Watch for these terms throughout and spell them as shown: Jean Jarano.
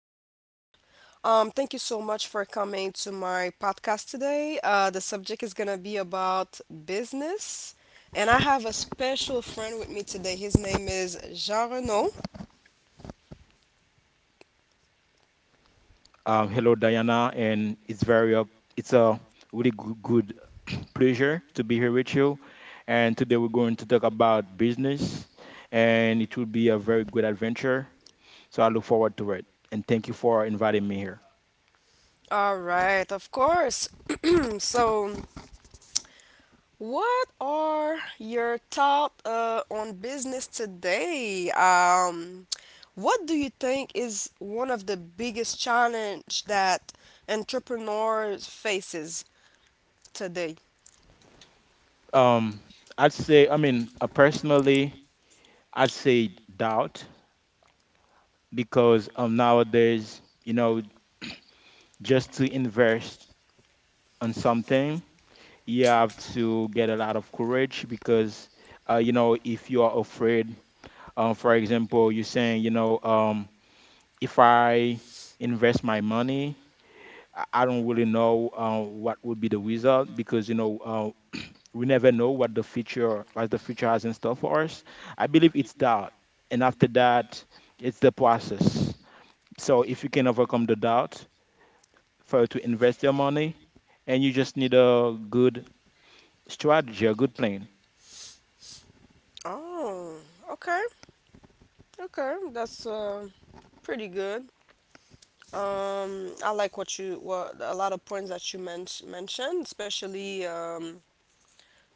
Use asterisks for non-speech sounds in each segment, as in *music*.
everyone. Thank you so much for coming to my podcast today. The subject is going to be about business. And I have a special friend with me today. His name is Jean Jarano. Hello, Diana, and it's very up. It's a really good *clears throat* pleasure to be here with you. And today we're going to talk about business, and it will be a very good adventure. So I look forward to it, and thank you for inviting me here. All right, of course. *clears throat* so, What are your thoughts on business today? What do you think is one of the biggest challenge that entrepreneurs faces today? Um, I'd say, I mean, personally, I'd say doubt because nowadays, just to invest on something, you have to get a lot of courage because if you are afraid. For example, you're saying, if I invest my money, I don't really know what would be the result because we never know what the future has in store for us. I believe it's doubt, and after that, it's the process. So if you can overcome the doubt for you to invest your money, and you just need a good strategy, a good plan. Oh, okay, okay, that's pretty good. I like what a lot of points that you mentioned, especially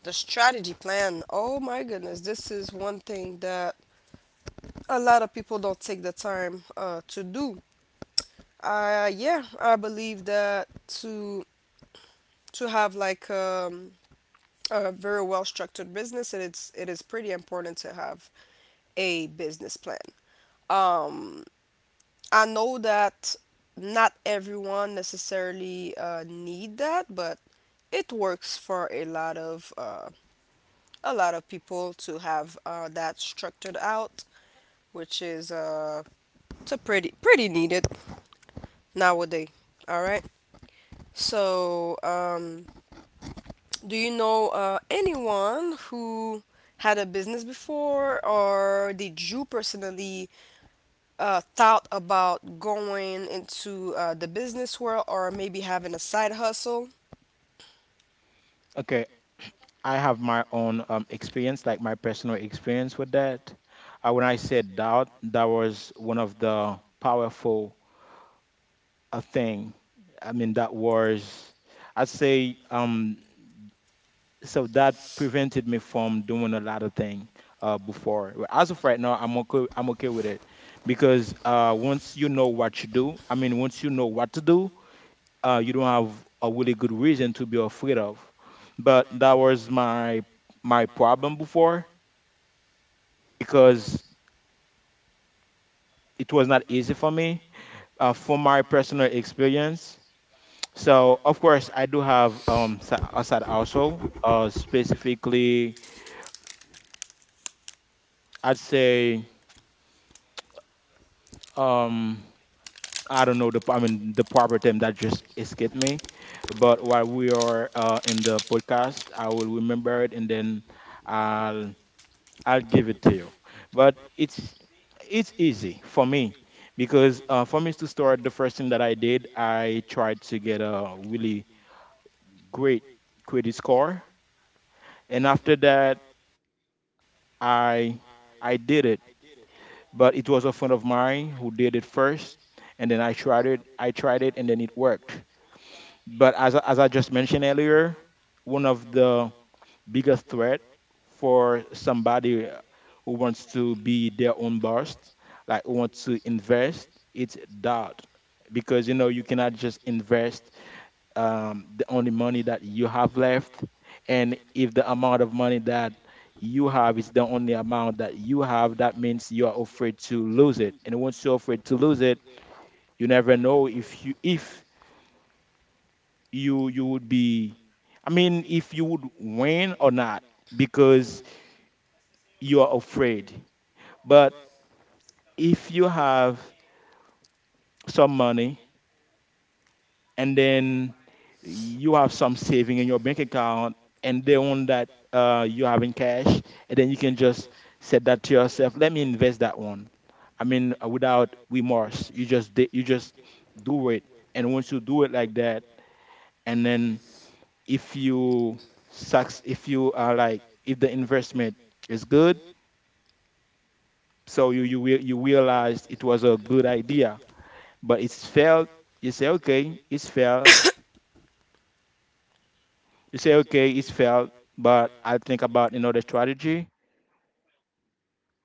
the strategy plan. Oh my goodness, this is one thing that a lot of people don't take the time to do. Yeah, I believe that to to have like a very well structured business, it is pretty important to have a business plan. Um, I know that not everyone necessarily need that, but it works for a lot of people to have that structured out, which is it's a pretty needed nowadays. All right. So, do you know anyone who had a business before, or did you personally thought about going into the business world, or maybe having a side hustle? Okay, I have my own experience, like my personal experience with that. When I said doubt, that was one of the powerful thing. I mean, that was, I'd say, so that prevented me from doing a lot of things before. But as of right now, I'm okay. I'm okay with it because once you know what you do, I mean, once you know what to do, you don't have a really good reason to be afraid of. But that was my problem before because it was not easy for me from my personal experience. So, of course, I do have a side also. Specifically, I'd say um, I don't know the, I mean, the proper term that just escaped me. But while we are in the podcast, I will remember it, and then I'll I'll give it to you. But it's easy for me because for me to start, the first thing that I did, I tried to get a really great credit score. And after that, I I did it, but it was a friend of mine who did it first, and then I tried it. I tried it, and then it worked. But as I just mentioned earlier, one of the biggest threat for somebody who wants to be their own boss, like who wants to invest, it's doubt, because you know you cannot just invest the only money that you have left. And if the amount of money that you have is the only amount that you have, that means you are afraid to lose it. And once you're afraid to lose it, you never know if you would be, I mean, if you would win or not, because you are afraid. But if you have some money, and then you have some saving in your bank account, and the one that you have in cash, and then you can just set that to yourself: let me invest that one. I mean, without remorse, you just do it. And once you do it like that, and then if you sucks, if you are like, if the investment is good, so you realized it was a good idea, but it's failed. You say, okay, it's failed. You say, okay, it's failed, but I think about another strategy.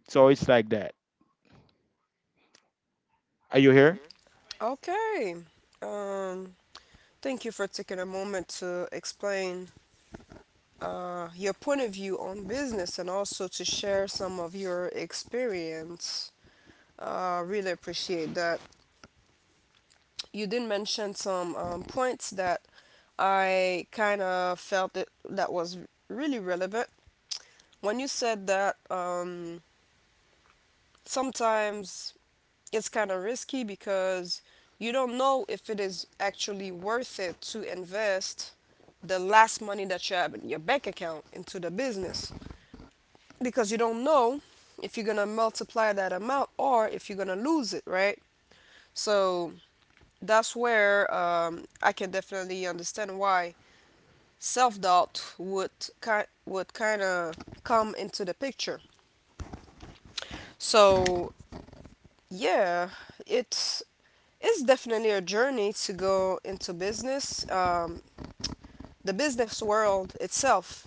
So it's like that. Are you here? Okay. Um, thank you for taking a moment to explain your point of view on business and also to share some of your experience. Really appreciate that. You did mention some points that I kind of felt it that was really relevant. When you said that, sometimes it's kind of risky because you don't know if it is actually worth it to invest the last money that you have in your bank account into the business because you don't know if you're gonna multiply that amount or if you're gonna lose it, right? So that's where I can definitely understand why self doubt would kind of come into the picture. So yeah, it's it's definitely a journey to go into business. The business world itself,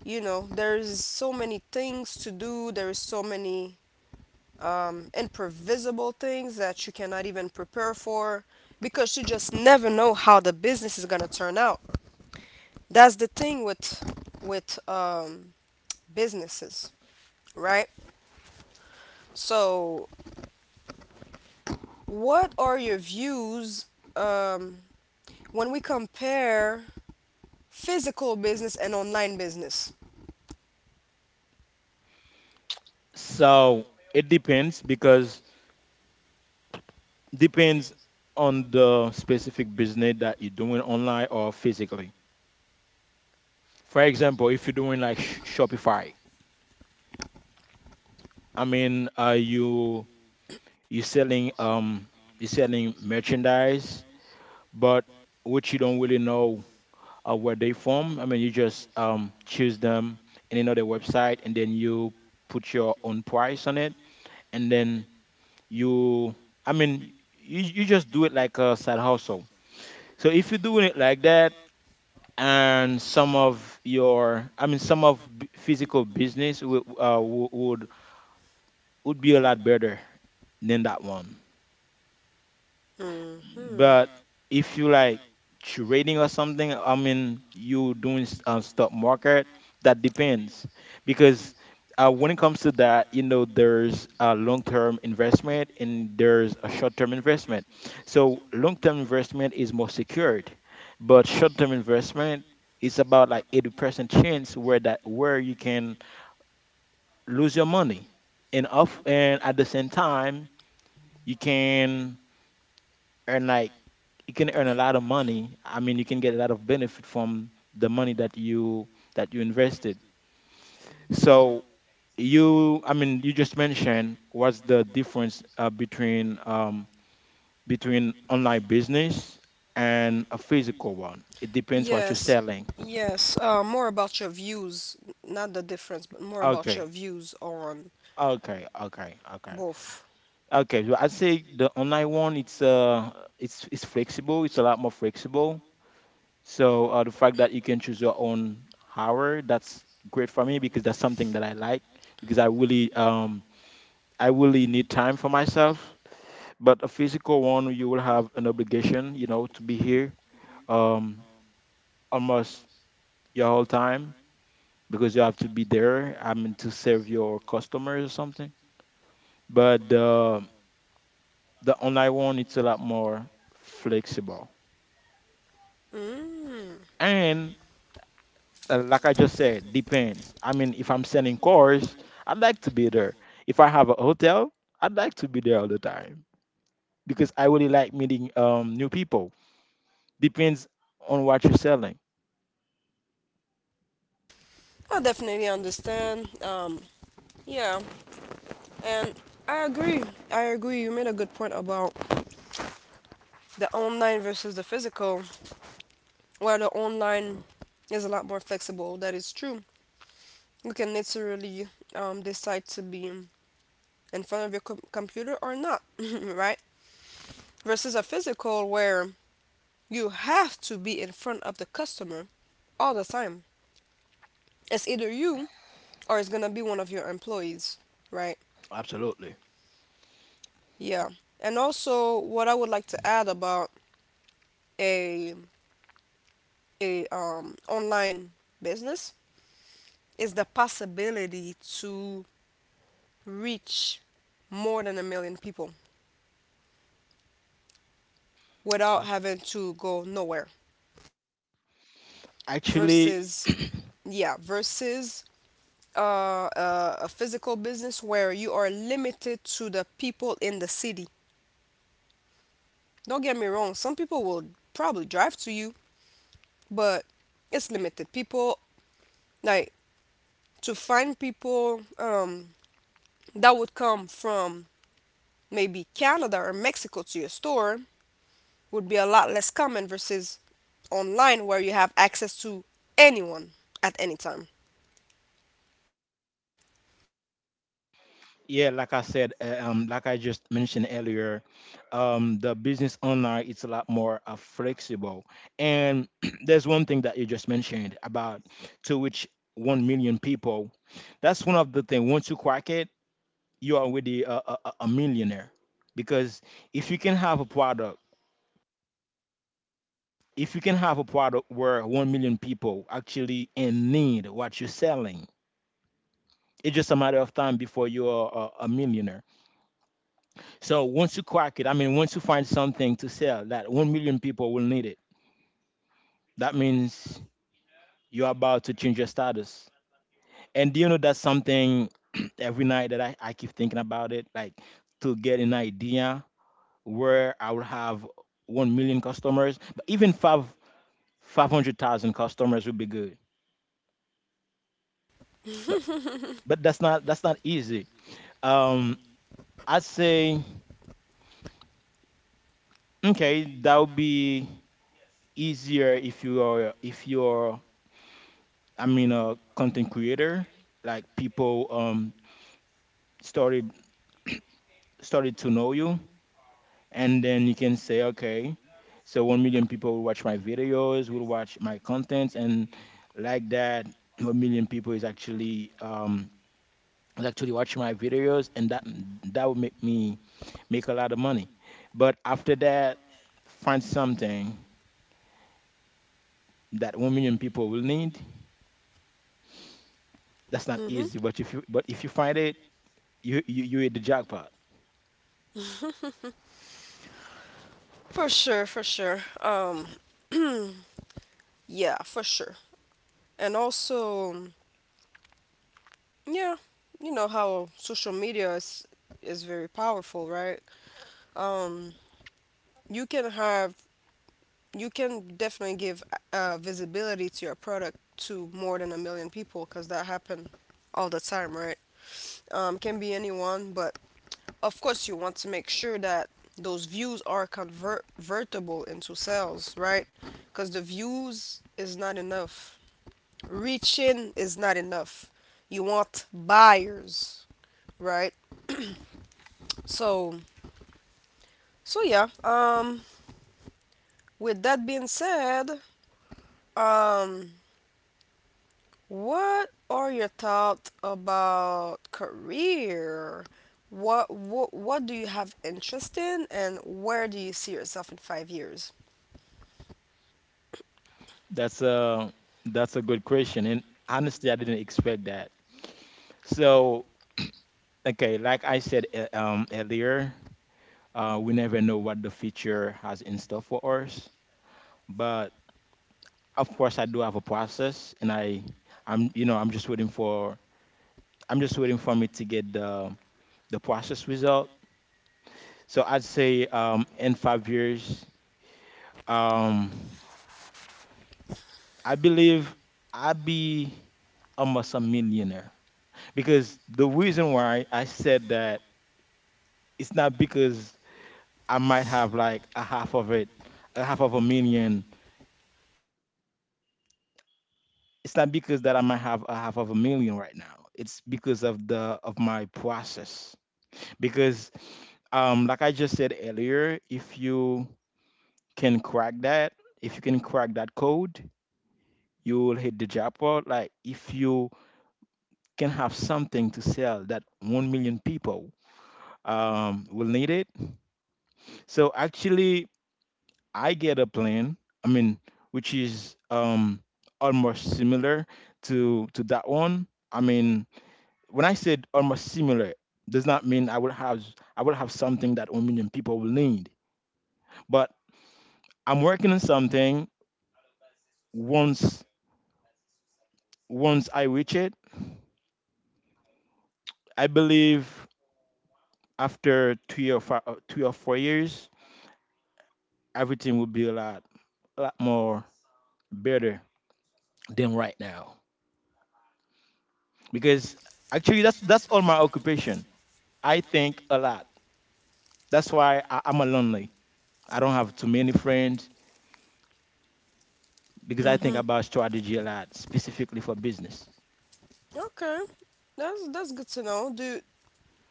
you know, there is so many things to do. There is so many improvisable things that you cannot even prepare for because you just never know how the business is gonna turn out. That's the thing with with um, businesses, right? So what are your views um, when we compare physical business and online business? So it depends, because depends on the specific business that you're doing online or physically. For example, if you're doing like Shopify, I mean, are you selling merchandise, but which you don't really know where they form. I mean, you just choose them in another website, and then you put your own price on it, and then you, I mean, you just do it like a side hustle. So if you're doing it like that, and some of your, I mean, some of physical business would would be a lot better than that one. Hmm. But if you like trading or something, I mean, you doing stock market, that depends, because when it comes to that, there's a long-term investment and there's a short-term investment. So long-term investment is more secured, but short-term investment is about like 80% chance where that where you can lose your money, and off, and at the same time you can earn, like, you can earn a lot of money. I mean, you can get a lot of benefit from the money that you invested. So I mean, you just mentioned what's the difference between between online business and a physical one. It depends what you're Yes, selling. yes. More about your views, not the difference, but more about your Okay. views on Okay, okay, okay, both. okay. So I'd say the online one, it's flexible. It's a lot more flexible. So the fact that you can choose your own hour, that's great for me because that's something that I like, because I really need time for myself. But a physical one, you will have an obligation, to be here um almost your whole time, because you have to be there. I mean, to serve your customers or something. But the online one, it's a lot more flexible. Mm. And like I just said, depends. I mean, if I'm selling cars, I'd like to be there. If I have a hotel, I'd like to be there all the time, because I really like meeting new people. Depends on what you're selling. I definitely understand. Yeah, and I agree. I agree. You made a good point about the online versus the physical, where the online is a lot more flexible. That is true. You can literally decide to be in front of your computer or not, *laughs* right? Versus a physical where you have to be in front of the customer all the time. It's either you or it's gonna be one of your employees, right? Absolutely. Yeah. And also, what I would like to add about a a online business is the possibility to reach more than a million people without having to go nowhere Actually, versus Yeah, versus a physical business where you are limited to the people in the city. Don't get me wrong, some people will probably drive to you, but it's limited. People, like, to find people that would come from maybe Canada or Mexico to your store would be a lot less common versus online where you have access to anyone at any time. *clears throat* yeah, like I said, like I just mentioned earlier, the business online, it's a lot more flexible. And *clears throat* there's one thing that you just mentioned about, to which 1 million people. That's one of the things. Once you crack it, you're already a millionaire, because if you can have a product if you can have a product where 1 million people actually in need what you're selling. It's just a matter of time before you're a millionaire. So once you crack it, I mean, once you find something to sell that 1 million people will need it, that means you're about to change your status. And do you know, that's something. *clears throat* Every night, that I keep thinking about it, like, to get an idea where I will have 1 million customers. But even five 500,000 customers would be good. But but that's not easy. Um, I'd say, okay, that would be easier if you're, I mean, a content creator. Like, people started *clears throat* started to know you, and then you can say, okay, so 1 million people will watch my videos, will watch my contents, and like that, 1 million people is actually watching my videos, and that would make me make a lot of money. But after that, find something that 1 million people will need. That's not Hmm. easy. But if you find it, you hit the jackpot. For sure, for sure. *clears throat* Yeah, for sure. And also, yeah, you know how social media is very powerful, right? Um, you can have you can definitely give visibility to your product to more than a million people because that happen all the time, right? Can be anyone, but of course you want to make sure that those views are convertible into sales, right? Because the views is not enough, reaching is not enough. You want buyers, right? So, so yeah. With that being said, um, what are your thoughts about career? What do you have interest in, and where do you see yourself in 5 years? That's a that's a good question. And honestly, I didn't expect that. So okay, like I said, earlier, we never know what the future has in store for us. But of course, I do have a process, and I'm just waiting for me to get the process result. So I'd say in 5 years, um, I believe I'd be almost a millionaire. Because the reason why I said that, it's not because I might have like a half of it, a half of a million. It's not because that I might have a half of a million right now. It's because of the of my process. Because like I just said earlier, if you can crack that, if you can crack that code, you will hit the jackpot. Like, if you can have something to sell that 1 million people will need it. So actually, I get a plan, I mean, which is almost similar to that one. I mean, when I said almost similar, does not mean I will have something that 1 million people will need. But I'm working on something once once I reach it. I believe after 3 or 4 years, everything will be a lot more better than right now, because actually that's all my occupation. I think a lot. That's why I'm a lonely. I don't have too many friends because I think Mm-hmm. about strategy a lot, specifically for business. Okay, that's good to know. Do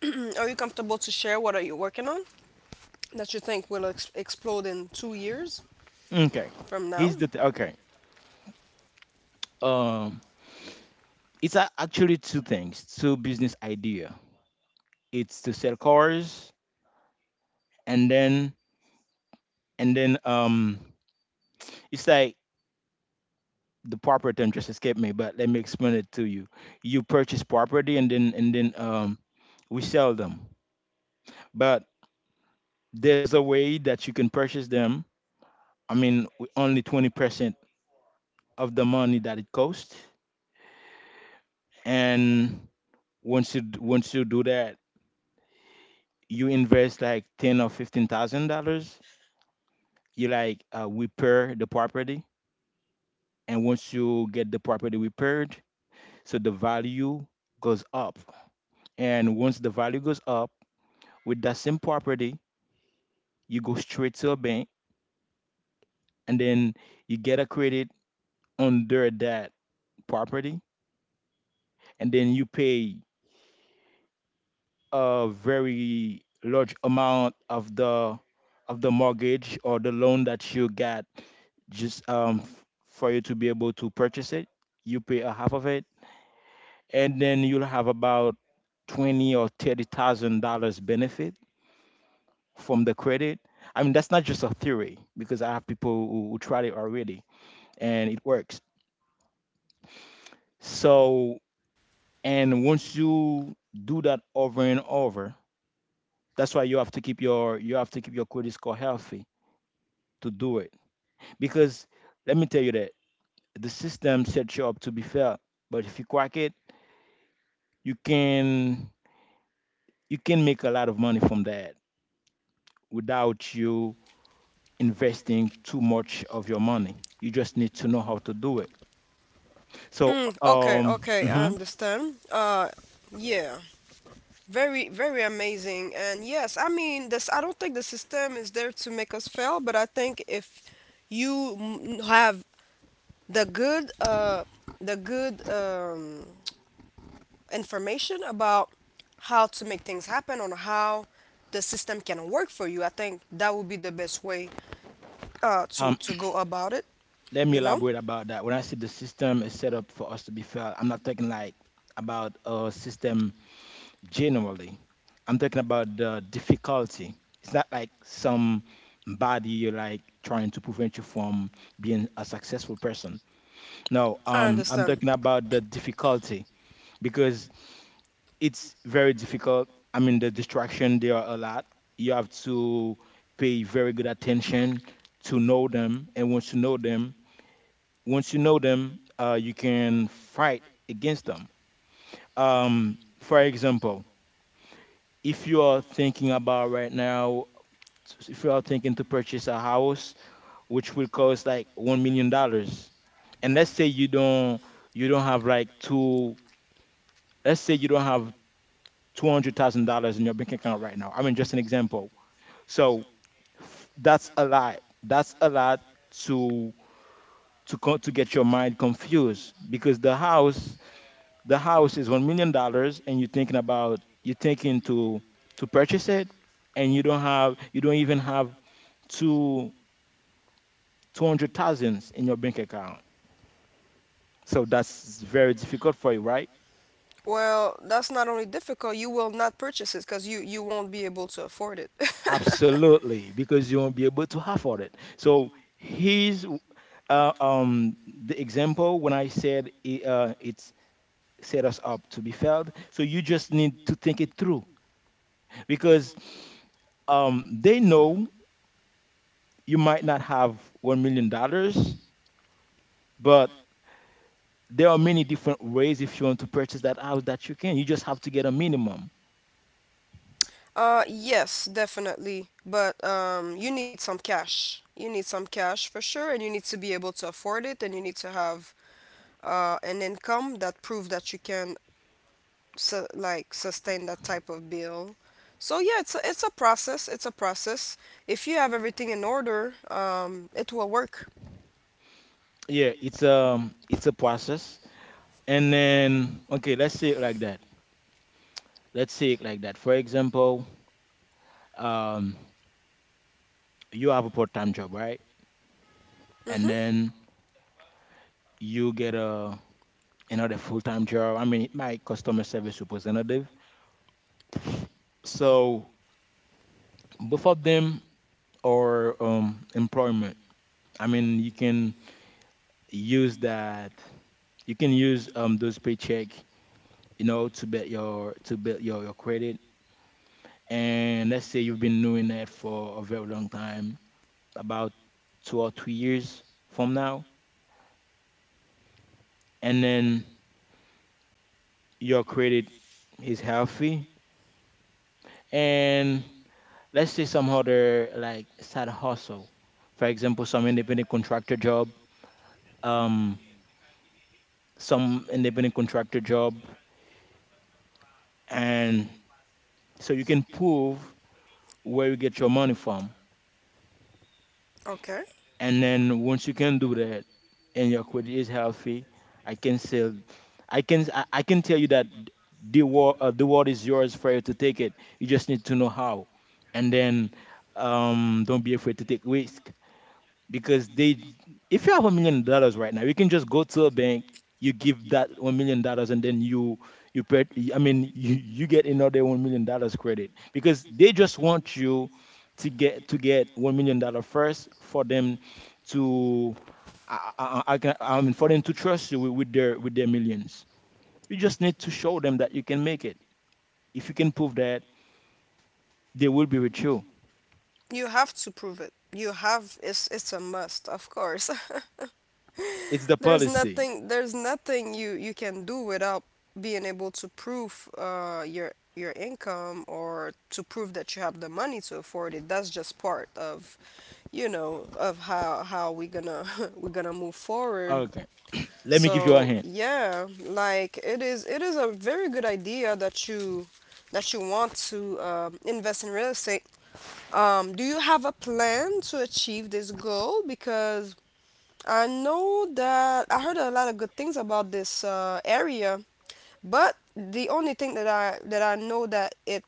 *clears throat* are you comfortable to share what are you working on that you think will explode in 2 years Okay from now? here's the th- okay um it's a- Actually, two things, two business idea. It's to sell cars, and then and then um it's like, the proper term just escaped me, but let me explain it to you. You purchase property, and then we sell them. But there's a way that you can purchase them. I mean, with only 20% of the money that it costs. And once you do that, you invest like ten or fifteen thousand dollars. You like, repair the property, and once you get the property repaired, so the value goes up. And once the value goes up, with that same property, you go straight to a bank, and then you get a credit under that property, and then you pay a very large amount of the mortgage or the loan that you get, just for you to be able to purchase it. You pay a half of it, and then you'll have about 20 or 30 thousand dollars benefit from the credit. I mean, that's not just a theory, because I have people who tried it already, and it works. So, and once you do that over and over, that's why you have to keep your credit score healthy to do it. Because let me tell you that the system sets you up to be fair, but if you crack it, you can make a lot of money from that without you investing too much of your money. You just need to know how to do it. So, Mm, okay, okay, I understand. Yeah, very, very amazing. And yes, I mean, this, I don't think the system is there to make us fail, but I think if you have the good, uh, the good, information about how to make things happen or how the system can work for you, I think that would be the best way, to, um, to go about it, *clears throat* let you me know? elaborate about that. When I say the system is set up for us to be fair, I'm not talking like about a system. Generally, I'm talking about the difficulty. It's not like some body you're like trying to prevent you from being a successful person. No, I I'm understand. talking about the difficulty, because it's very difficult. I mean, the distraction there are a lot. You have to pay very good attention to know them, and once you know them, you can fight against them. For example, if you are thinking about right now, if you are thinking to purchase a house which will cost like $1 million, and let's say you don't have like two let's say you don't have $200,000 in your bank account right now. I mean, just an example. So, that's a lot, that's a lot to to get your mind confused, because the house is $1 million, and you're thinking to purchase it, and you don't even have two 200,000 in your bank account. So that's very difficult for you, right? Well, that's not only difficult, you will not purchase it because you won't be able to afford it. *laughs* Absolutely, because you won't be able to afford it. So here's, the example when I said it, it's set us up to be failed. So you just need to think it through, because they know you might not have $1 million, but there are many different ways if you want to purchase that house that you can. You just have to get a minimum. Yes, definitely. But you need some cash. You need some cash for sure, and you need to be able to afford it, and you need to have an income that prove that you can sustain that type of bill. So yeah, it's a process. It's a process. If you have everything in order, it will work. Yeah, it's a process. And then, okay, let's say it like that. Let's say it like that. For example, um, you have a part-time job, right? And then you get a another full-time job. I mean, my customer service representative. So both of them are, employment. I mean, you can use that. You can use those paycheck, to build your credit. And let's say you've been doing that for a very long time, about 2 or 3 years from now, and then your credit is healthy. And let's say some other, like, side hustle, for example, some independent contractor job, um, some independent contractor job, and so you can prove where you get your money from. Okay. And then once you can do that, and your credit is healthy, I can say, I can tell you that the world is yours for you to take it. You just need to know how, and then don't be afraid to take risk, because they if you have $1 million right now, you can just go to a bank. You give that $1 million, and then you pay. I mean, you get another $1 million credit because they just want you to get $1 million first for them to I can I mean for them to trust you with their millions. You just need to show them that you can make it. If you can prove that, they will be with you. You have to prove it. You have it's a must, of course. It's the *laughs* There's policy. nothing there's nothing you can do without being able to prove your income or to prove that you have the money to afford it. That's just part of, you know, of how we gonna *laughs* we're gonna move forward. Okay, let me give you a So, hint. yeah, like it is a very good idea that you want to invest in real estate do you have a plan to achieve this goal? Because I know that I heard a lot of good things about this area, but the only thing that I know that it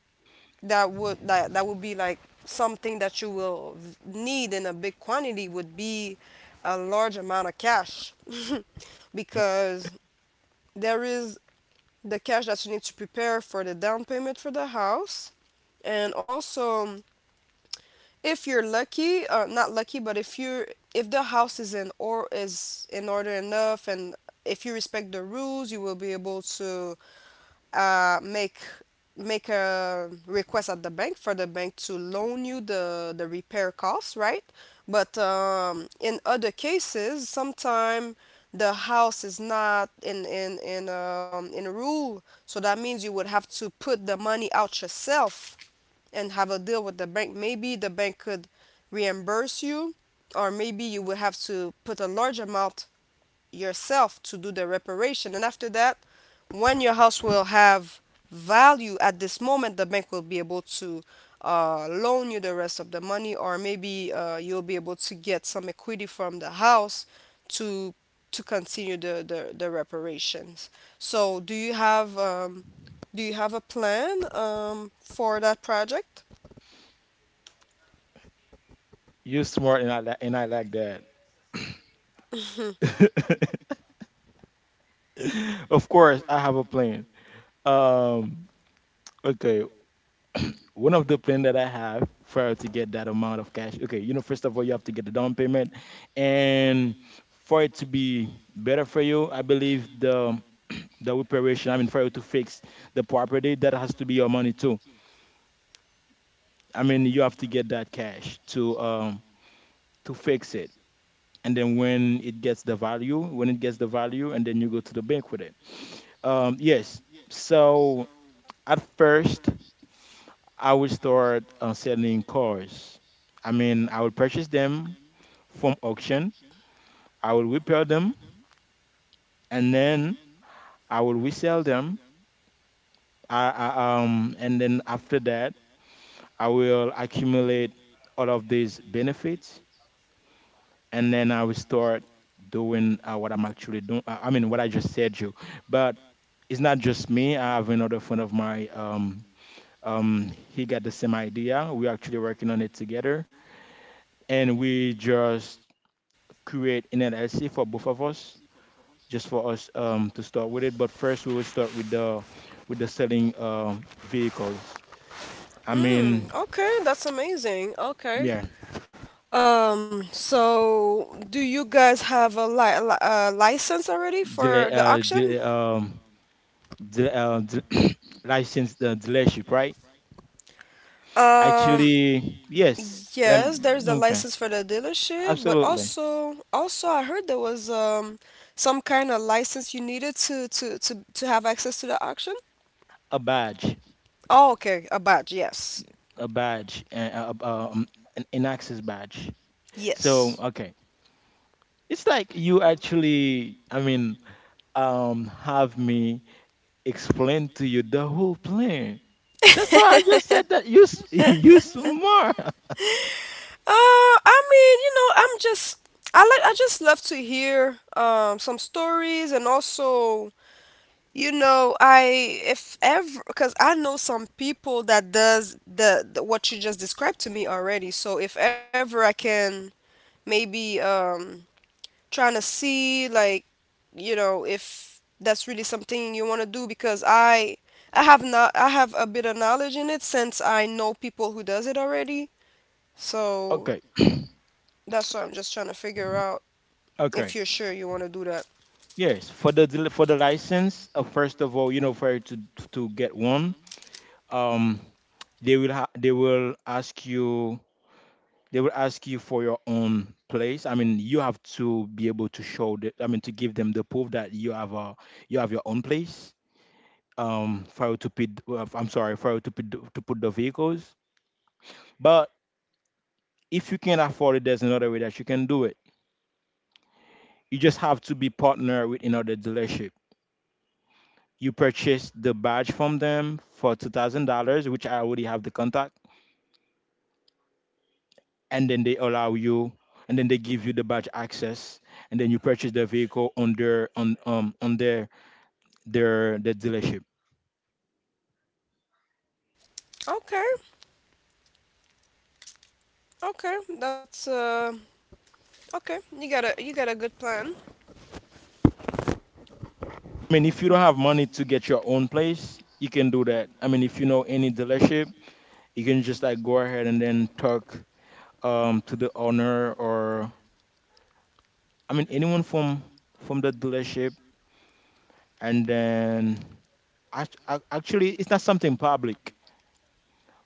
that would be like something that you will need in a big quantity would be a large amount of cash *laughs* because there is the cash that you need to prepare for the down payment for the house and also if you're lucky not lucky but if you're if the house is in or is in order enough and if you respect the rules you will be able to make make a request at the bank for the bank to loan you the repair costs right but in other cases sometime the house is not in in rule so that means you would have to put the money out yourself and have a deal with the bank. Maybe the bank could reimburse you, or maybe you will have to put a large amount yourself to do the reparation. And after that, when your house will have value at this moment, the bank will be able to loan you the rest of the money, or maybe you'll be able to get some equity from the house to to continue the reparations. So, do you have a plan for that project? You're smart, and and I like that. Mhm. *laughs* Of course, I have a plan. Um, okay, one of the plan that I have for to get that amount of cash. Okay, first of all, you have to get the down payment, and for it to be better for you, I believe the reparation. I mean, for you to fix the property, that has to be your money too. I mean, you have to get that cash to fix it. And then when it gets the value, and then you go to the bank with it. Yes. So at first, I would start, selling cars. I mean, I would purchase them from auction. I would repair them, and then I will resell them. And then after that, I will accumulate all of these benefits, and then I will start doing, what I'm actually doing. I mean, what I just said you, but it's not just me. I have another friend of mine. He got the same idea. We're actually working on it together, and we just create an LLC for both of us, just for us, to start with it. But first, we will start with the selling vehicles. I mean, Mm, okay, that's amazing. Okay. yeah, So do you guys have a li li a license already delay, for the uh, auction? delay, um, delay, uh, del- *coughs* *clears throat* license the dealership, right? Um, Actually, yes. Let yes, me, there's the okay, license for the dealership, but absolutely. also also I heard there was some kind of license you needed to have access to the auction. A badge, Oh, okay, a badge. Yes. a badge, uh, uh, um, an access badge. So, Yes. okay, it's like you actually, I mean, have me explain to you the whole plan. That's why I just said that *laughs* you *laughs* smart. Uh, I mean, you know, I'm just I just love to hear some stories and also you know I if ever because I know some people that does the what you just described to me already. So if ever I can maybe trying to see like you know if that's really something you want to do because I have not I have a bit of knowledge in it since I know people who does it already. So Okay, that's what I'm just trying to figure out. If okay. you're sure you want to do that. Yes, for the license, first of all, for you to get one. Um, they will ha- they will ask you for your own place. I mean, you have to be able to show the, I mean, to give them the proof that you have a you have your own place. For you to put, I'm sorry, for you to put the vehicles. But if you can't afford it, there's another way that you can do it. You just have to be partnered with another dealership. You purchase the badge from them for $2,000, which I already have the contact, and then they allow you, and then they give you the badge access, and then you purchase the vehicle on their dealership. Okay, okay, that's okay. You got a good plan. I mean, if you don't have money to get your own place, you can do that. I mean, if you know any dealership, you can just like go ahead and then talk to the owner, or I mean, anyone from the dealership, and then actually, it's not something public,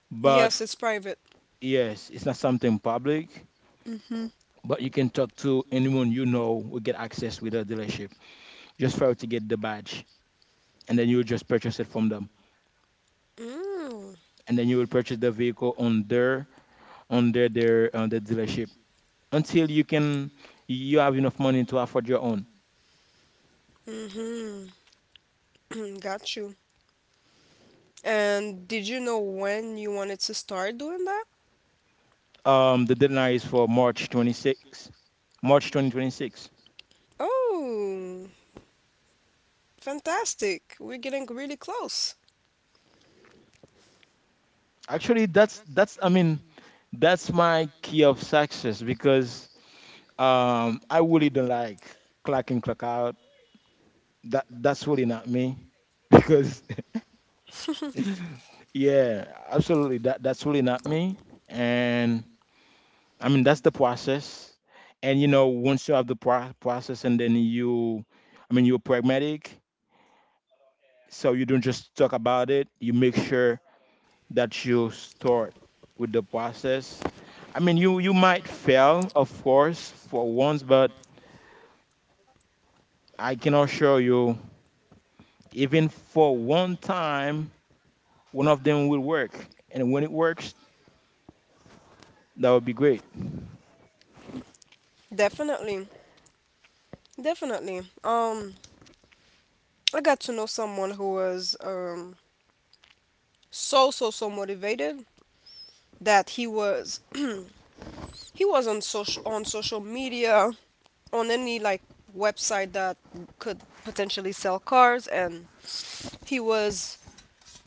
but Yes, it's private. yes, it's not something public. Mhm. But you can talk to anyone you know will get access with the dealership just for you to get the badge, and then you will just purchase it from them, Mm. and then you will purchase the vehicle on their on the dealership until you have enough money to afford your own. Mhm. *clears throat* got you. And did you know when you wanted to start doing that? The deadline is for March 2026. Oh, fantastic. We're getting really close. Actually, that's my key of success, because I really don't like clock in clock out. That's really not me. *laughs* Because *laughs* yeah, absolutely that's really not me. And I mean that's the process. And once you have the process, and then I mean you're pragmatic, so you don't just talk about it. You make sure that you start with the process. I mean, you might fail, of course, for once, but I can assure you, even for one time, one of them will work. And when it works, that would be great. Definitely. Definitely. I got to know someone who was so motivated that he was *clears throat* he was on social media on any like website that could potentially sell cars, and he was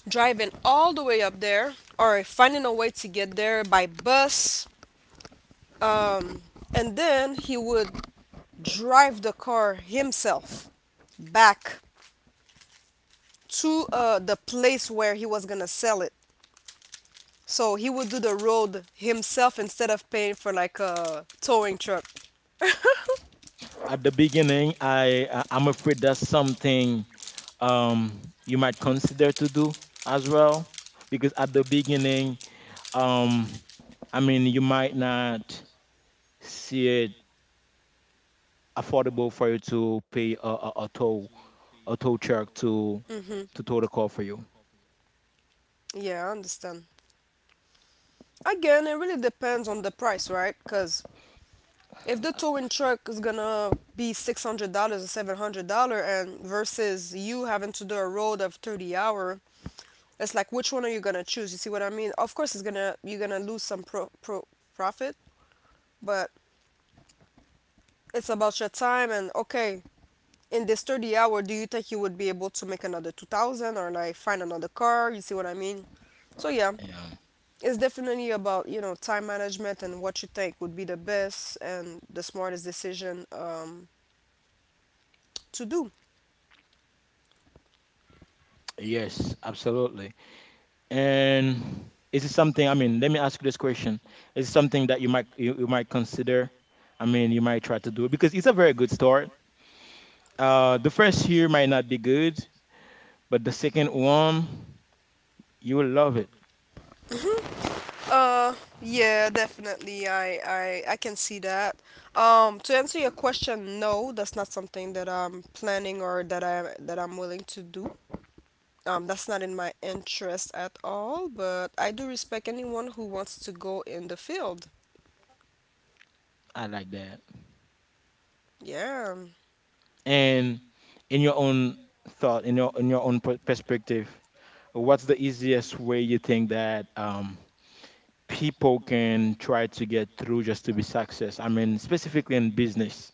driving all the way up there or finding a way to get there by bus, um, and then he would drive the car himself back to the place where he was gonna sell it, so he would do the road himself instead of paying for like a towing truck. At the beginning, I'm afraid that's something um you might consider to do as well, because at the beginning, um, I mean, you might not see it affordable for you to pay a tow truck to Hmm. to tow the car for you. Yeah, I understand. Again, it really depends on the price, right? Because if the towing truck is gonna be $600 or $700, and versus you having to do a road of 30 hour, it's like, which one are you gonna choose? You see what I mean? Of course, it's gonna you're gonna lose some profit, but it's about your time, and okay, in this 30 hour, do you think you would be able to make another 2,000 or like find another car? You see what I mean? So yeah, Yeah. it's definitely about time management and what you think would be the best and the smartest decision to do. Yes, absolutely. And is it something? I mean, let me ask you this question: is it something that you might you might consider? I mean, you might try to do it because it's a very good start. The first year might not be good, but the second one, you will love it. Uh, yeah, definitely. I can see that. To answer your question, no, that's not something that I'm planning or that I'm willing to do. That's not in my interest at all, but I do respect anyone who wants to go in the field. I like that. Yeah. And in your own thought, in your own perspective, what's the easiest way you think that people can try to get through just to be success? I mean, specifically in business.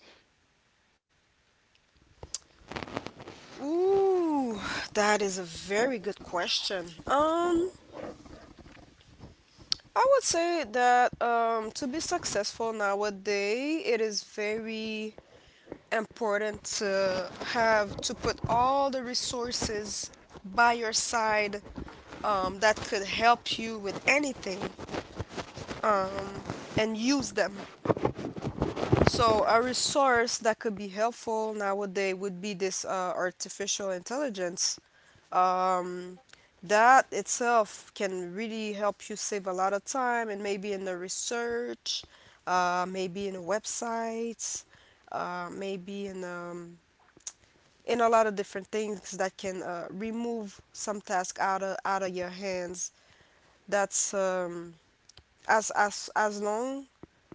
Ooh, that is a very good question. I would say that to be successful nowadays, it is very important to have to put all the resources by your side, that could help you with anything, um, and use them. So, a resource that could be helpful nowadays would be this artificial intelligence. Um, that itself can really help you save a lot of time, and maybe in the research, maybe in websites, maybe in and a lot of different things that can remove some task out of your hands. That's as long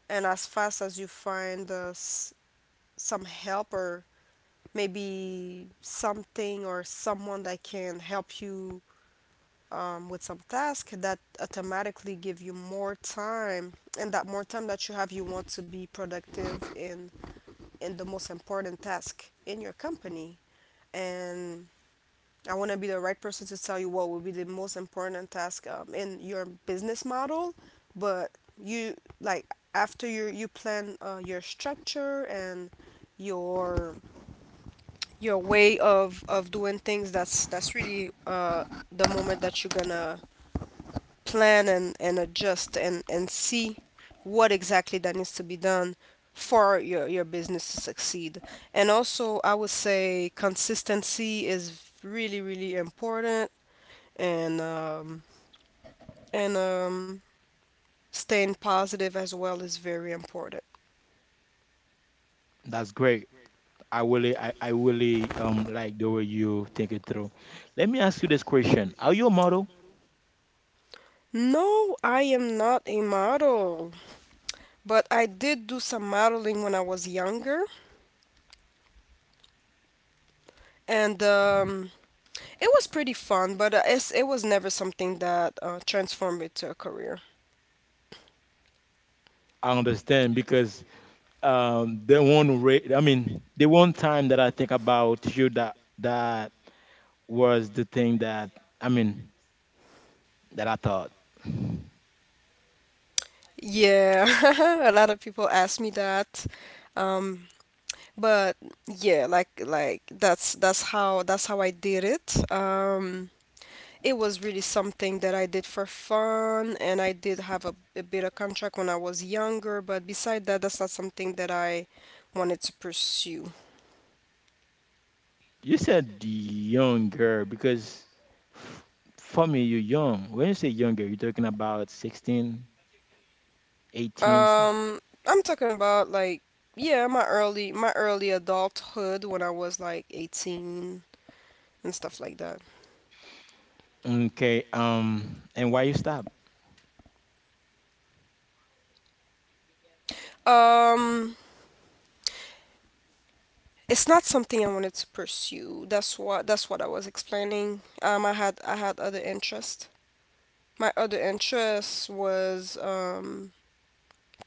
and as fast as you find some help or maybe something or someone that can help you with some task that automatically give you more time, and that more time that you have, you want to be productive in the most important task in your company, and I want to be the right person to tell you what will be the most important task in your business model, but you, like, after you you plan your structure and your your way of doing things, that's really the moment that you're gonna plan and adjust and see what exactly that needs to be done for your business to succeed. And also, I would say consistency is really really important, and and um, staying positive as well is very important. That's great. I really, I really like the way you think it through. Let me ask you this question: are you a model? No, I am not a model, but I did do some modeling when I was younger, and it was pretty fun. But it was never something that transformed into a career. I understand because the one rate. I mean, the one time that I think about you that that was the thing that, I mean, that I thought. Yeah, *laughs* a lot of people ask me that. Um, but yeah, like that's that's how I did it. It was really something that I did for fun, and I did have a bit of contract when I was younger, but beside that, that's not something that I wanted to pursue. You said the young girl because f- for me, you're young. When you say younger, you're talking about 16, 18. Um, I'm talking about, like, yeah, my early adulthood when I was like 18 and stuff like that. Okay. And why you stop? Um, it's not something I wanted to pursue. That's what I was explaining. I had other interest. My other interest was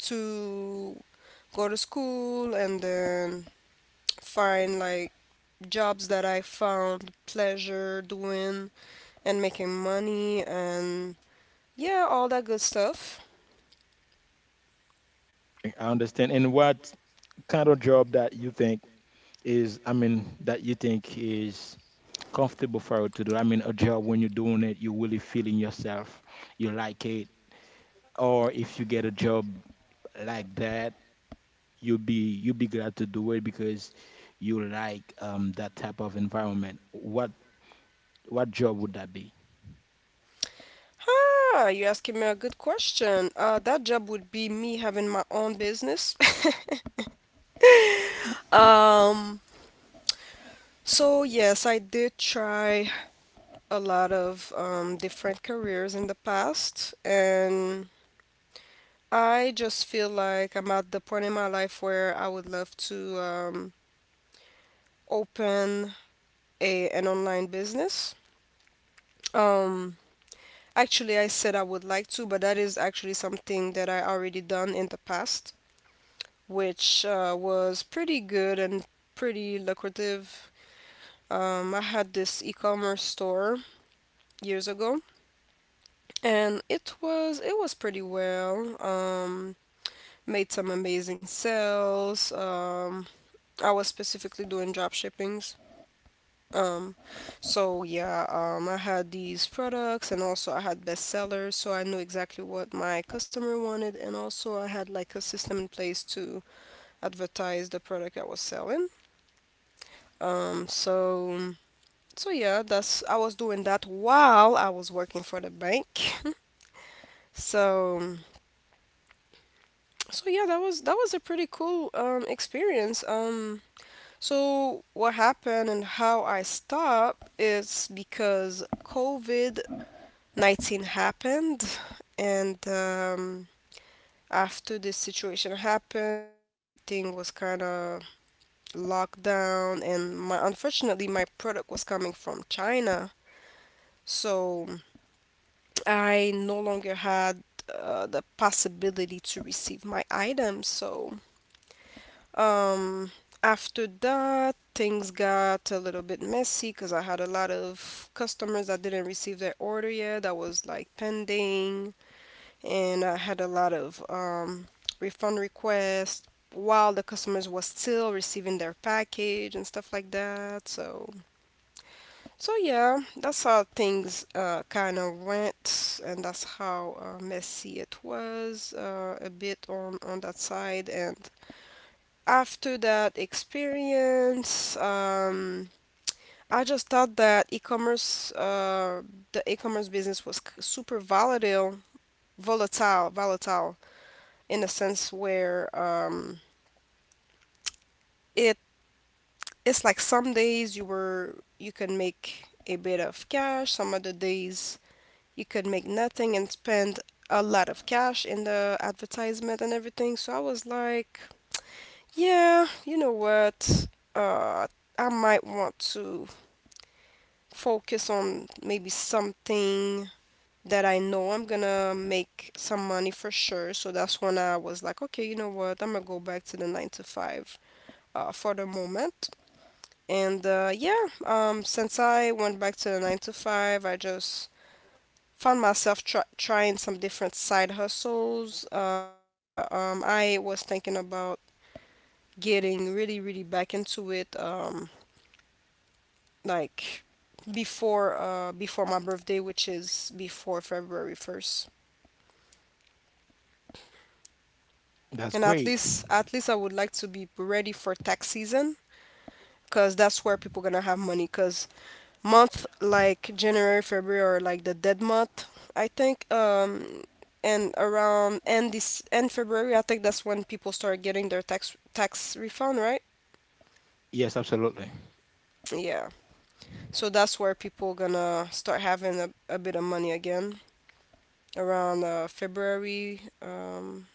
to go to school and then find like jobs that I found pleasure doing and making money, and yeah, all that good stuff. I understand. And what kind of job that you think is, I mean, that you think is comfortable for you to do? I mean, a job when you're doing it, you're really feeling yourself, you like it, or if you get a job like that, you'll be glad to do it because you like that type of environment. What job would that be? Ah, you're asking me a good question. That job would be me having my own business. *laughs* Um, so yes, I did try a lot of different careers in the past, and I just feel like I'm at the point in my life where I would love to open a an online business. Um, Actually, I said I would like to, but that is actually something that I already done in the past, which was pretty good and pretty lucrative. I had this e-commerce store years ago, and it was pretty well. Made some amazing sales. I was specifically doing drop shipping. Um, I had these products, and also I had bestsellers, so I knew exactly what my customer wanted, and also I had like a system in place to advertise the product I was selling. Um, so that's I was doing that while I was working for the bank. *laughs* So that was a pretty cool experience. So what happened and how I stopped is because COVID 19 happened. And after this situation happened, everything was kind of locked down, and my, unfortunately, my product was coming from China, so I no longer had the possibility to receive my items. So um after that, things got a little bit messy, because I had a lot of customers that didn't receive their order yet, that was like pending. And I had a lot of refund requests while the customers was still receiving their package and stuff like that. So, so yeah, that's how things kind of went, and that's how messy it was a bit on that side. And after that experience, I just thought that the e-commerce business was super volatile, in a sense where it it's like some days you were you can make a bit of cash, some other days you could make nothing and spend a lot of cash in the advertisement and everything. So I was like, yeah, you know what? Uh, I might want to focus on maybe something that I know I'm gonna make some money for sure. So that's when I was like, okay, you know what? I'm gonna go back to the nine to five for the moment. And yeah, since I went back to the nine to five, I just found myself trying some different side hustles. I was thinking about getting really, really back into it, like before before my birthday, which is before February first. That's And great. At least I would like to be ready for tax season, cause that's where people gonna have money, cause month like January, February or like the dead month, I think. And around end February, I think that's when people start getting their tax refund, right? Yes, absolutely. Yeah. So that's where people gonna start having a bit of money again around February,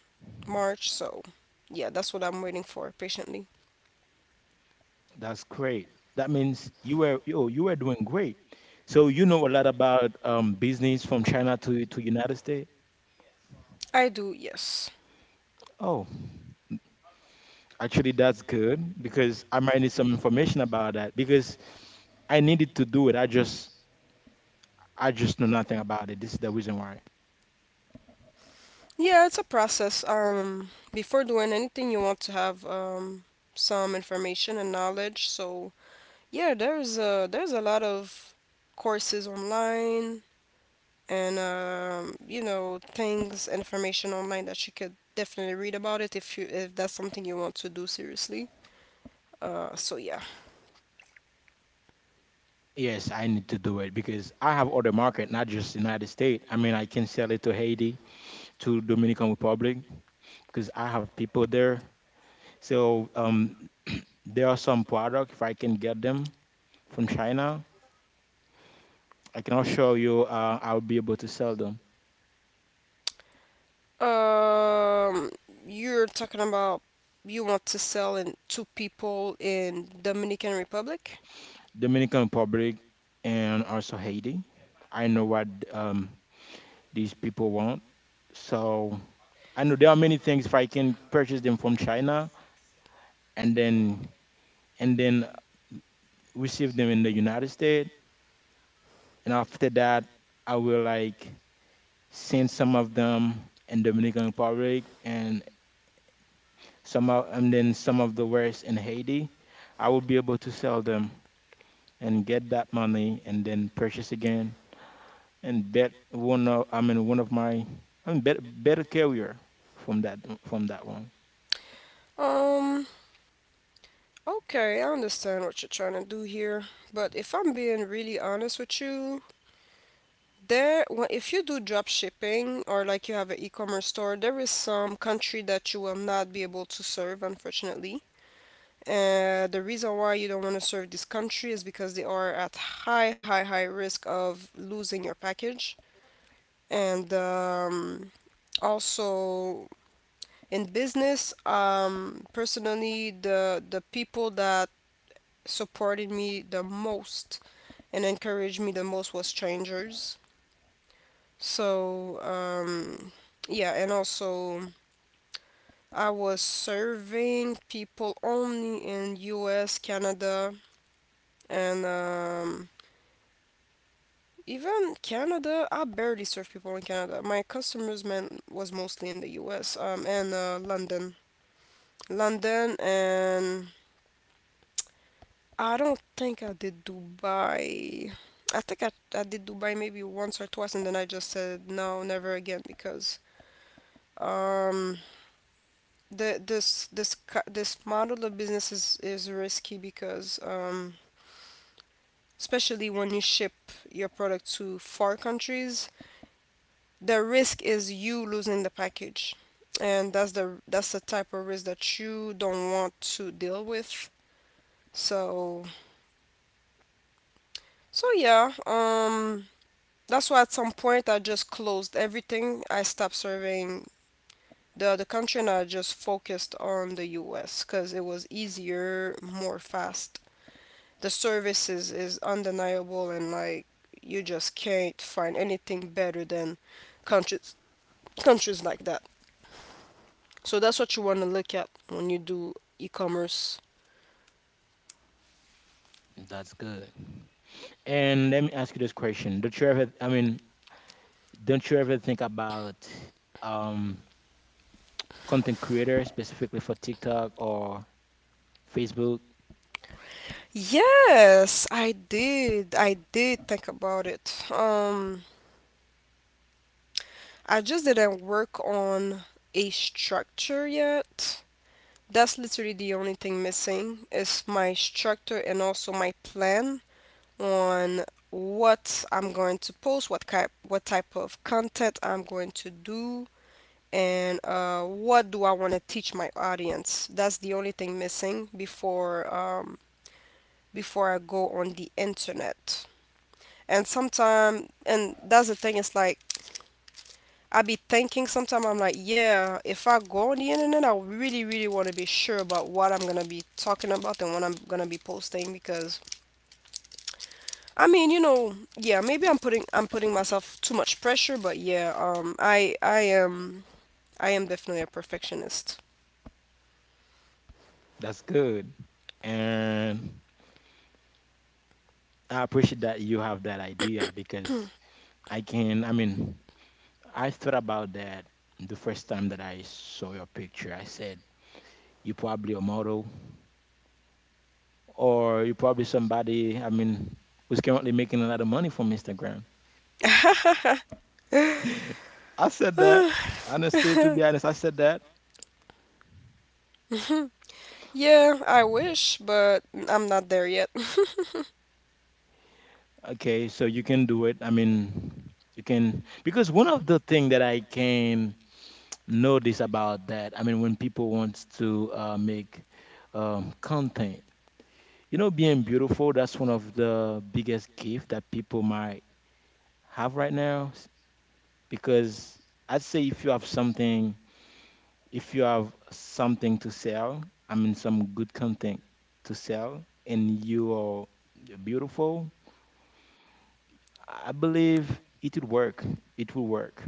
March. So yeah, that's what I'm waiting for patiently. That's great. That means you were doing great. So you know a lot about business from China to United States. I do, yes. Oh, actually that's good because I might need some information about that because I needed to do it. I just know nothing about it. This is the reason why. Yeah, it's a process. Before doing anything, you want to have some information and knowledge. So yeah, there's a lot of courses online and you know, things, information online that you could definitely read about it if you if that's something you want to do seriously. So yeah. Yes, I need to do it because I have other market, not just United States. I mean, I can sell it to Haiti, to Dominican Republic, because I have people there. So there are some product if I can get them from China. I can assure you, I'll be able to sell them. Um, you're talking about you want to sell in to people in Dominican Republic? Dominican Republic and also Haiti. I know what these people want. So I know there are many things. If I can purchase them from China and then and then receive them in the United States, and after that, I will like send some of them in Dominican Republic and and then some of the rest in Haiti. I will be able to sell them and get that money and then purchase again and bet one of I mean one of my I mean better carrier from that from that one. Um, okay, I understand what you're trying to do here, but if I'm being really honest with you, there, if you do drop shipping or like you have an e-commerce store, there is some country that you will not be able to serve, unfortunately. The reason why you don't want to serve this country is because they are at high risk of losing your package. And also in business, personally, the people that supported me the most and encouraged me the most was strangers. So, yeah, and also I was serving people only in US, Canada, and even Canada, I barely serve people in Canada. My customers man was mostly in the US, and London. London and I don't think I did Dubai. I think I did Dubai maybe once or twice, and then I just said no, never again because um the this this ca- this model of business is risky because especially when you ship your product to far countries, the risk is you losing the package. And that's the type of risk that you don't want to deal with. So so yeah, that's why at some point I just closed everything. I stopped serving the other country, and I just focused on the US because it was easier, more fast. The service is undeniable, and like, you just can't find anything better than countries countries like that. So that's what you want to look at when you do e-commerce. That's good. And let me ask you this question: Don't you ever I mean don't you ever think about um content creator specifically for TikTok or Facebook? Yes, I did think about it. I just didn't work on a structure yet. That's literally the only thing missing is my structure, and also my plan on what I'm going to post, what type of content I'm going to do, and what do I want to teach my audience. That's the only thing missing before I go on the internet. And sometimes, and that's the thing. It's like I be thinking. Sometimes I'm like, yeah, if I go on the internet, I really, really want to be sure about what I'm gonna be talking about and what I'm gonna be posting, because I mean, yeah, maybe I'm putting myself too much pressure, but yeah, I am definitely a perfectionist. That's good. And I appreciate that you have that idea because I mean I thought about that the first time that I saw your picture. I said you probably a model or you probably somebody, I mean, who's currently making a lot of money from Instagram. *laughs* *laughs* I said that. Honestly, to be honest, I said that. Yeah, I wish, but I'm not there yet. Okay, so you can do it. I mean, you can because one of the thing that I can notice about that, I mean, when people wants to make content, you know, being beautiful, that's one of the biggest gift that people might have right now. Because I'd say if you have something to sell, I mean some good content to sell, and you are beautiful, I believe it would work. It will work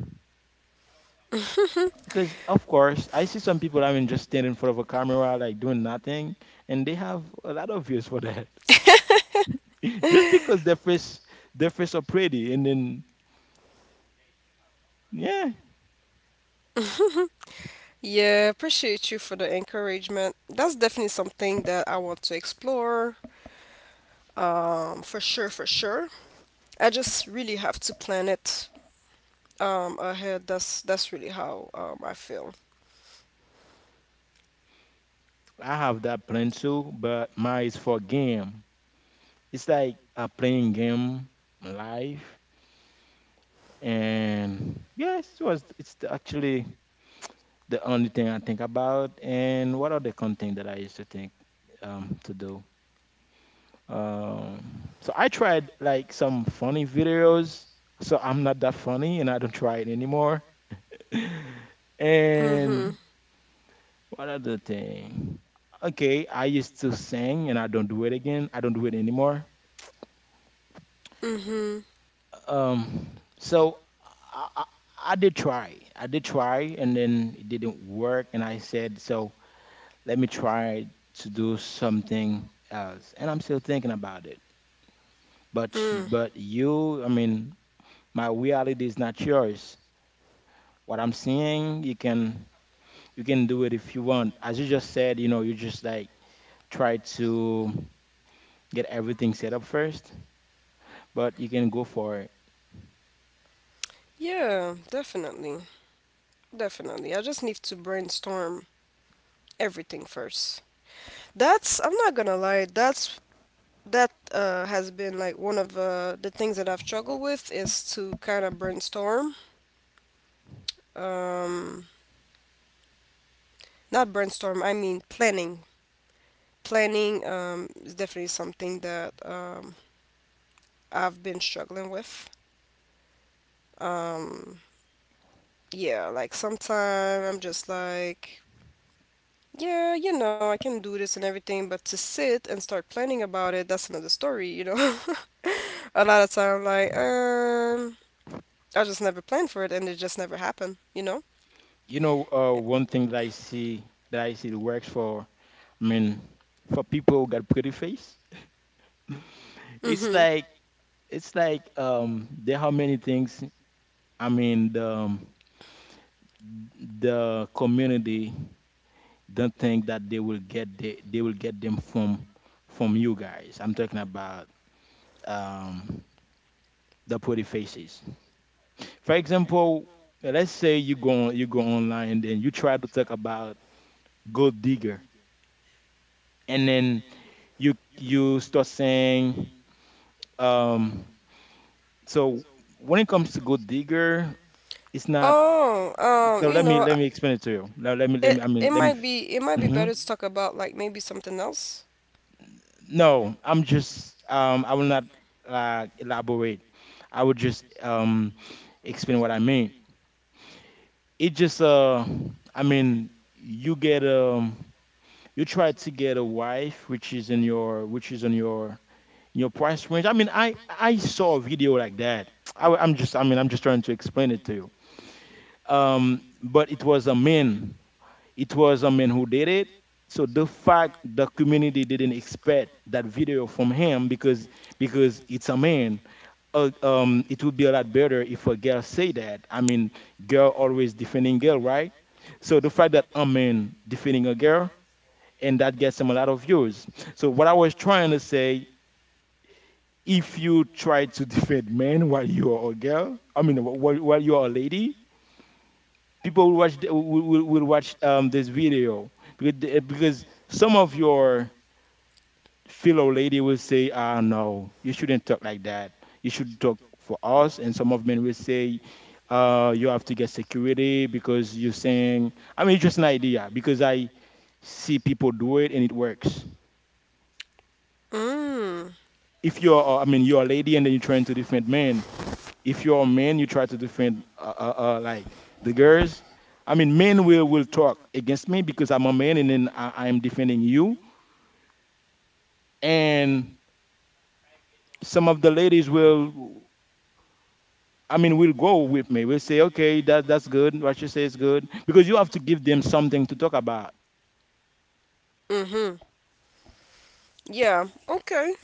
because, of course, I see some people. I mean, just standing in front of a camera, like doing nothing, and they have a lot of views for that. *laughs* just because their face are pretty, and then yeah. *laughs* Yeah, appreciate you for the encouragement. That's definitely something that I want to explore. For sure, for sure. I just really have to plan it ahead. That's really how I feel. I have that plan too. But mine is for game. It's like a playing game live. And yes, it's actually the only thing I think about. And what are the content that I used to think to do? So I tried like some funny videos. So I'm not that funny, and I don't try it anymore. *laughs* And Mhm. what other thing? Okay, I used to sing, and I don't do it again. I don't do it anymore. Mhm. Um, so I, I, I did try. I did try, and then it didn't work. And I said so, let me try to do something else. And I'm still thinking about it. But Mm. You, I mean, my reality is not yours. What I'm seeing, you can do it if you want. As you just said, you know, you just like try to get everything set up first, but you can go for it. Yeah, definitely. Definitely. I just need to brainstorm everything first. That's, I'm not gonna lie, that has been like one of the things that I've struggled with, is to kind of brainstorm. Um, Not brainstorm, I mean planning. Planning is definitely something that I've been struggling with. Um, yeah, like sometimes I'm just like, yeah, I can do this and everything, but to sit and start planning about it, that's another story. *laughs* A lot of time, like, I just never planned for it, and it just never happened, you know? You know, one thing that I see that works for, I mean, for people who got pretty face, it's Mm-hmm. like it's like there are many things. I mean, the community don't think that they will get they will get them from you guys. I'm talking about um, the pretty faces. For example, let's say you go online and then you try to talk about gold digger, and then you start saying um, so when it comes to gold digger, it's not. Oh, um, So you know, I- let me explain it to you. Now let me, it I mean, it let me. might be it might be Mm-hmm. better to talk about, like, maybe something else. No, I'm just I will not elaborate. I would just explain what I mean. It just I mean you get you try to get a wife which is in your which is on your in your price range. I mean I saw a video like that. I am just, I mean, I'm just trying to explain it to you. Um, but it was a man. It was a man who did it. So the fact the community didn't expect that video from him because it's a man, it would be a lot better if a girl say that. I mean, girl always defending girl, right? So the fact that a man defending a girl, and that gets him a lot of views. So what I was trying to say, if you try to *laughs* defend men while you are a girl, I mean, while you are a lady, people will watch will watch this video because because some of your fellow lady will say ah no you shouldn't talk like that, you should talk for us, and some of men will say you have to get security because you're saying, I mean, it's just an idea because I see people do it and it works. Mm. If you're I mean you're a lady and then you're trying to defend men, if you're a man, you try to defend like the girls. I mean, men will talk against me because I'm a man, and then I am defending you. And some of the ladies will, I mean, will go with me. Will say, okay, that that's good. What you say is good because you have to give them something to talk about. Mm-hmm. Yeah. Okay.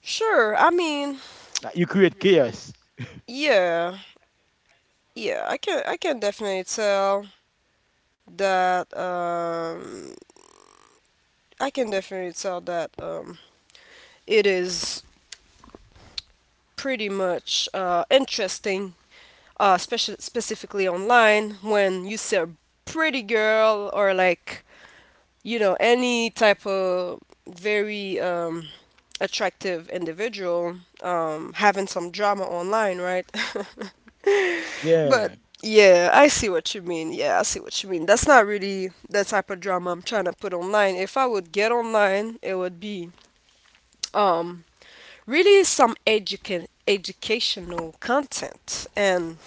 Sure. I mean, Like, you create chaos. yeah. Yeah, I can definitely tell that I can definitely tell that it is pretty much interesting, especially specifically online when you see a pretty girl, or like, any type of very attractive individual having some drama online, right? *laughs* But Yeah, yeah, I see what you mean. Yeah, I see what you mean. That's not really the type of drama I'm trying to put online. If I would get online, it would be um really some educational content. And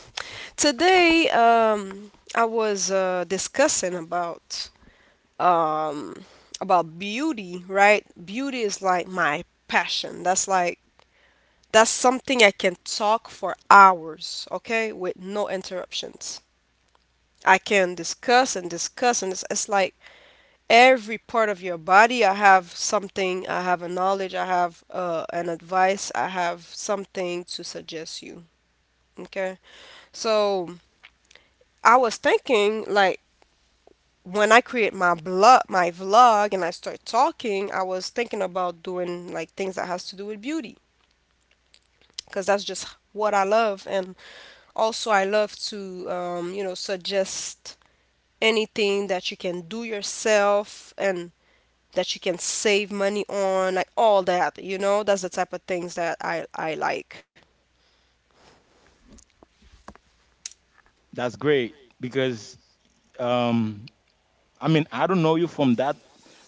today I was discussing um, about beauty, right? Beauty is like my passion. That's like, that's something I can talk for hours, okay, with no interruptions. I can discuss and discuss, and it's like, every part of your body, I have something, I have a knowledge, I have an advice, I have something to suggest you. Okay. So I was thinking, like, when I create my blog, my vlog, and I start talking, I was thinking about doing, like, things that has to do with beauty, because that's just what I love. And also I love to suggest anything that you can do yourself, and that you can save money on, like, all that, you know? That's the type of things that I like. that's great because um, I mean, I don't know you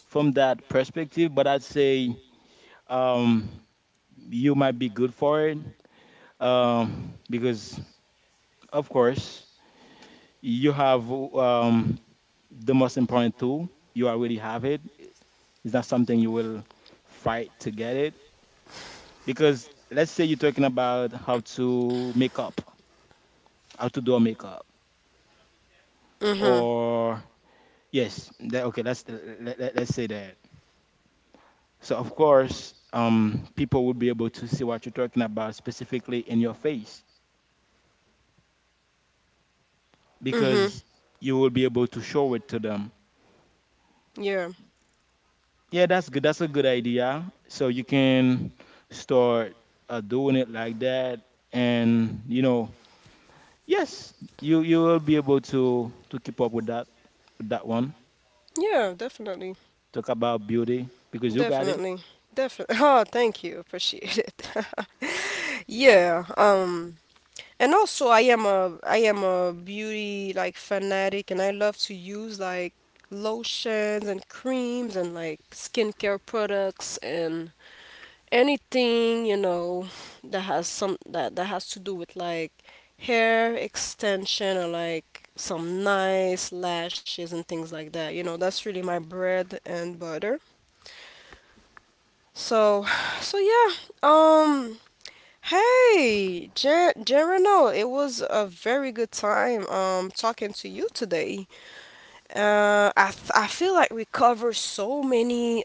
from that perspective, but I'd say um, you might be good for it. Um, because of course you have the most important tool. You already have it. It's not something you will fight to get it. Because let's say you're talking about how to make up, how to do a makeup, Hmm. or yes, that, okay. Let's say that. So of course, people will be able to see what you're talking about specifically in your face Hmm. because you will be able to show it to them. Yeah. Yeah, that's good. That's a good idea. So you can start doing it like that, and you know, yes, you will be able to keep up with that one. Yeah, definitely. Talk about beauty because you got it. Definitely. Definitely. *laughs* Oh, thank you. Appreciate it. *laughs* Yeah. And also I am a beauty like fanatic, and I love to use like lotions and creams and like skincare products, and anything, that has some that has to do with like hair extension, or like some nice lashes and things like that, you know? That's really my bread and butter. So. *sighs* So yeah, um hey Gerano, it was a very good time talking to you today. I feel like we cover so many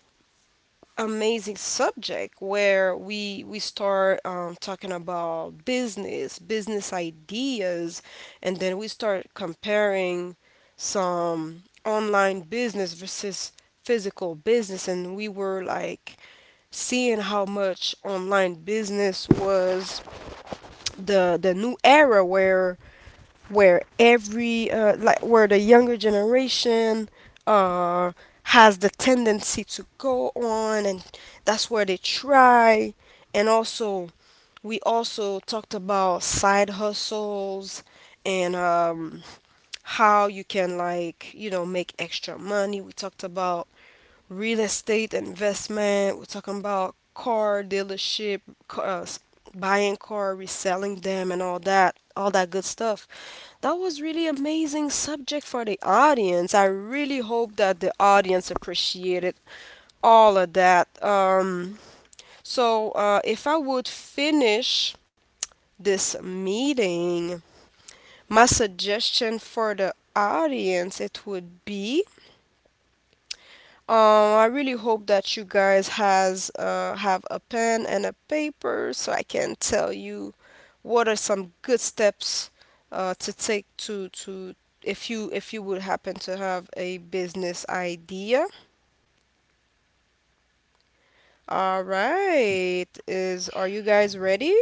amazing subject, where we start talking about business, business ideas, and then we start comparing some online business versus physical business, and we were like seeing how much online business was the new era, where every, like, where the younger generation uh, has the tendency to go on, and that's where they try. And also, we also talked about side hustles, and how you can, like, make extra money. We talked about real estate investment, we're talking about car dealership, cars, buying car, reselling them, and all that good stuff. That was really amazing subject for the audience. I really hope that the audience appreciated all of that. So, if I would finish this meeting, my suggestion for the audience, it would be, I really hope that you guys has have a pen and a paper, so I can tell you what are some good steps to take, to if you would happen to have a business idea. All right, is are you guys ready?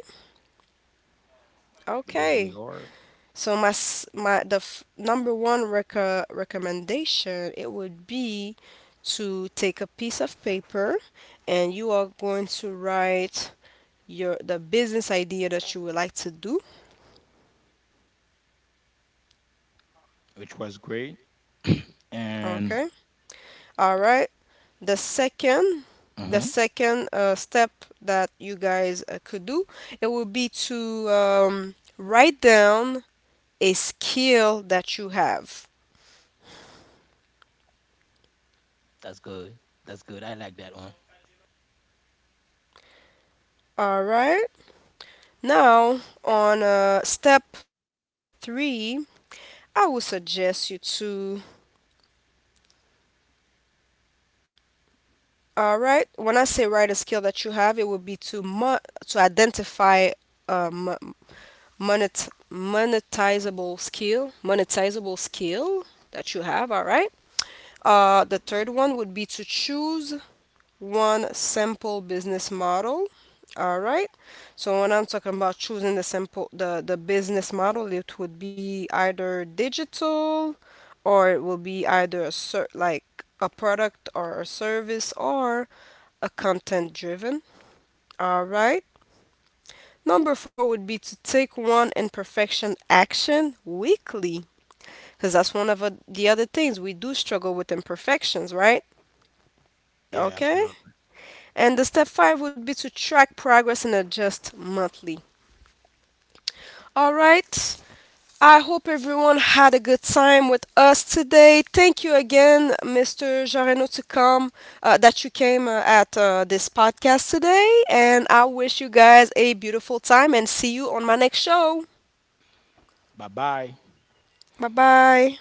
Believe we Okay. are, So, my number one recommendation, it would be to take a piece of paper, and you are going to write your the business idea that you would like to do. which was great, and Okay. All right. the second the uh. second step that you guys could do, it would be to write down a skill that you have. That's good. That's good. I like that one. All right. Now, on step number three, I would suggest you to, all right, when I say write a skill that you have, it would be to identify um, monetizable skill that you have, all right? The third one would be to choose one simple business model. All right. So when I'm talking about choosing the simple, the business model, it would be either digital, or it will be either like a product or a service, or a content driven. All right. Number four would be to take one imperfection action weekly, because that's one of the other things we do struggle with, imperfections, right? Yeah, Okay. absolutely. And the step five would be to track progress and adjust monthly. All right. I hope everyone had a good time with us today. Thank you again, Mr. Jareno, to come, that you came at this podcast today. And I wish you guys a beautiful time, and see you on my next show. Bye bye. Bye bye.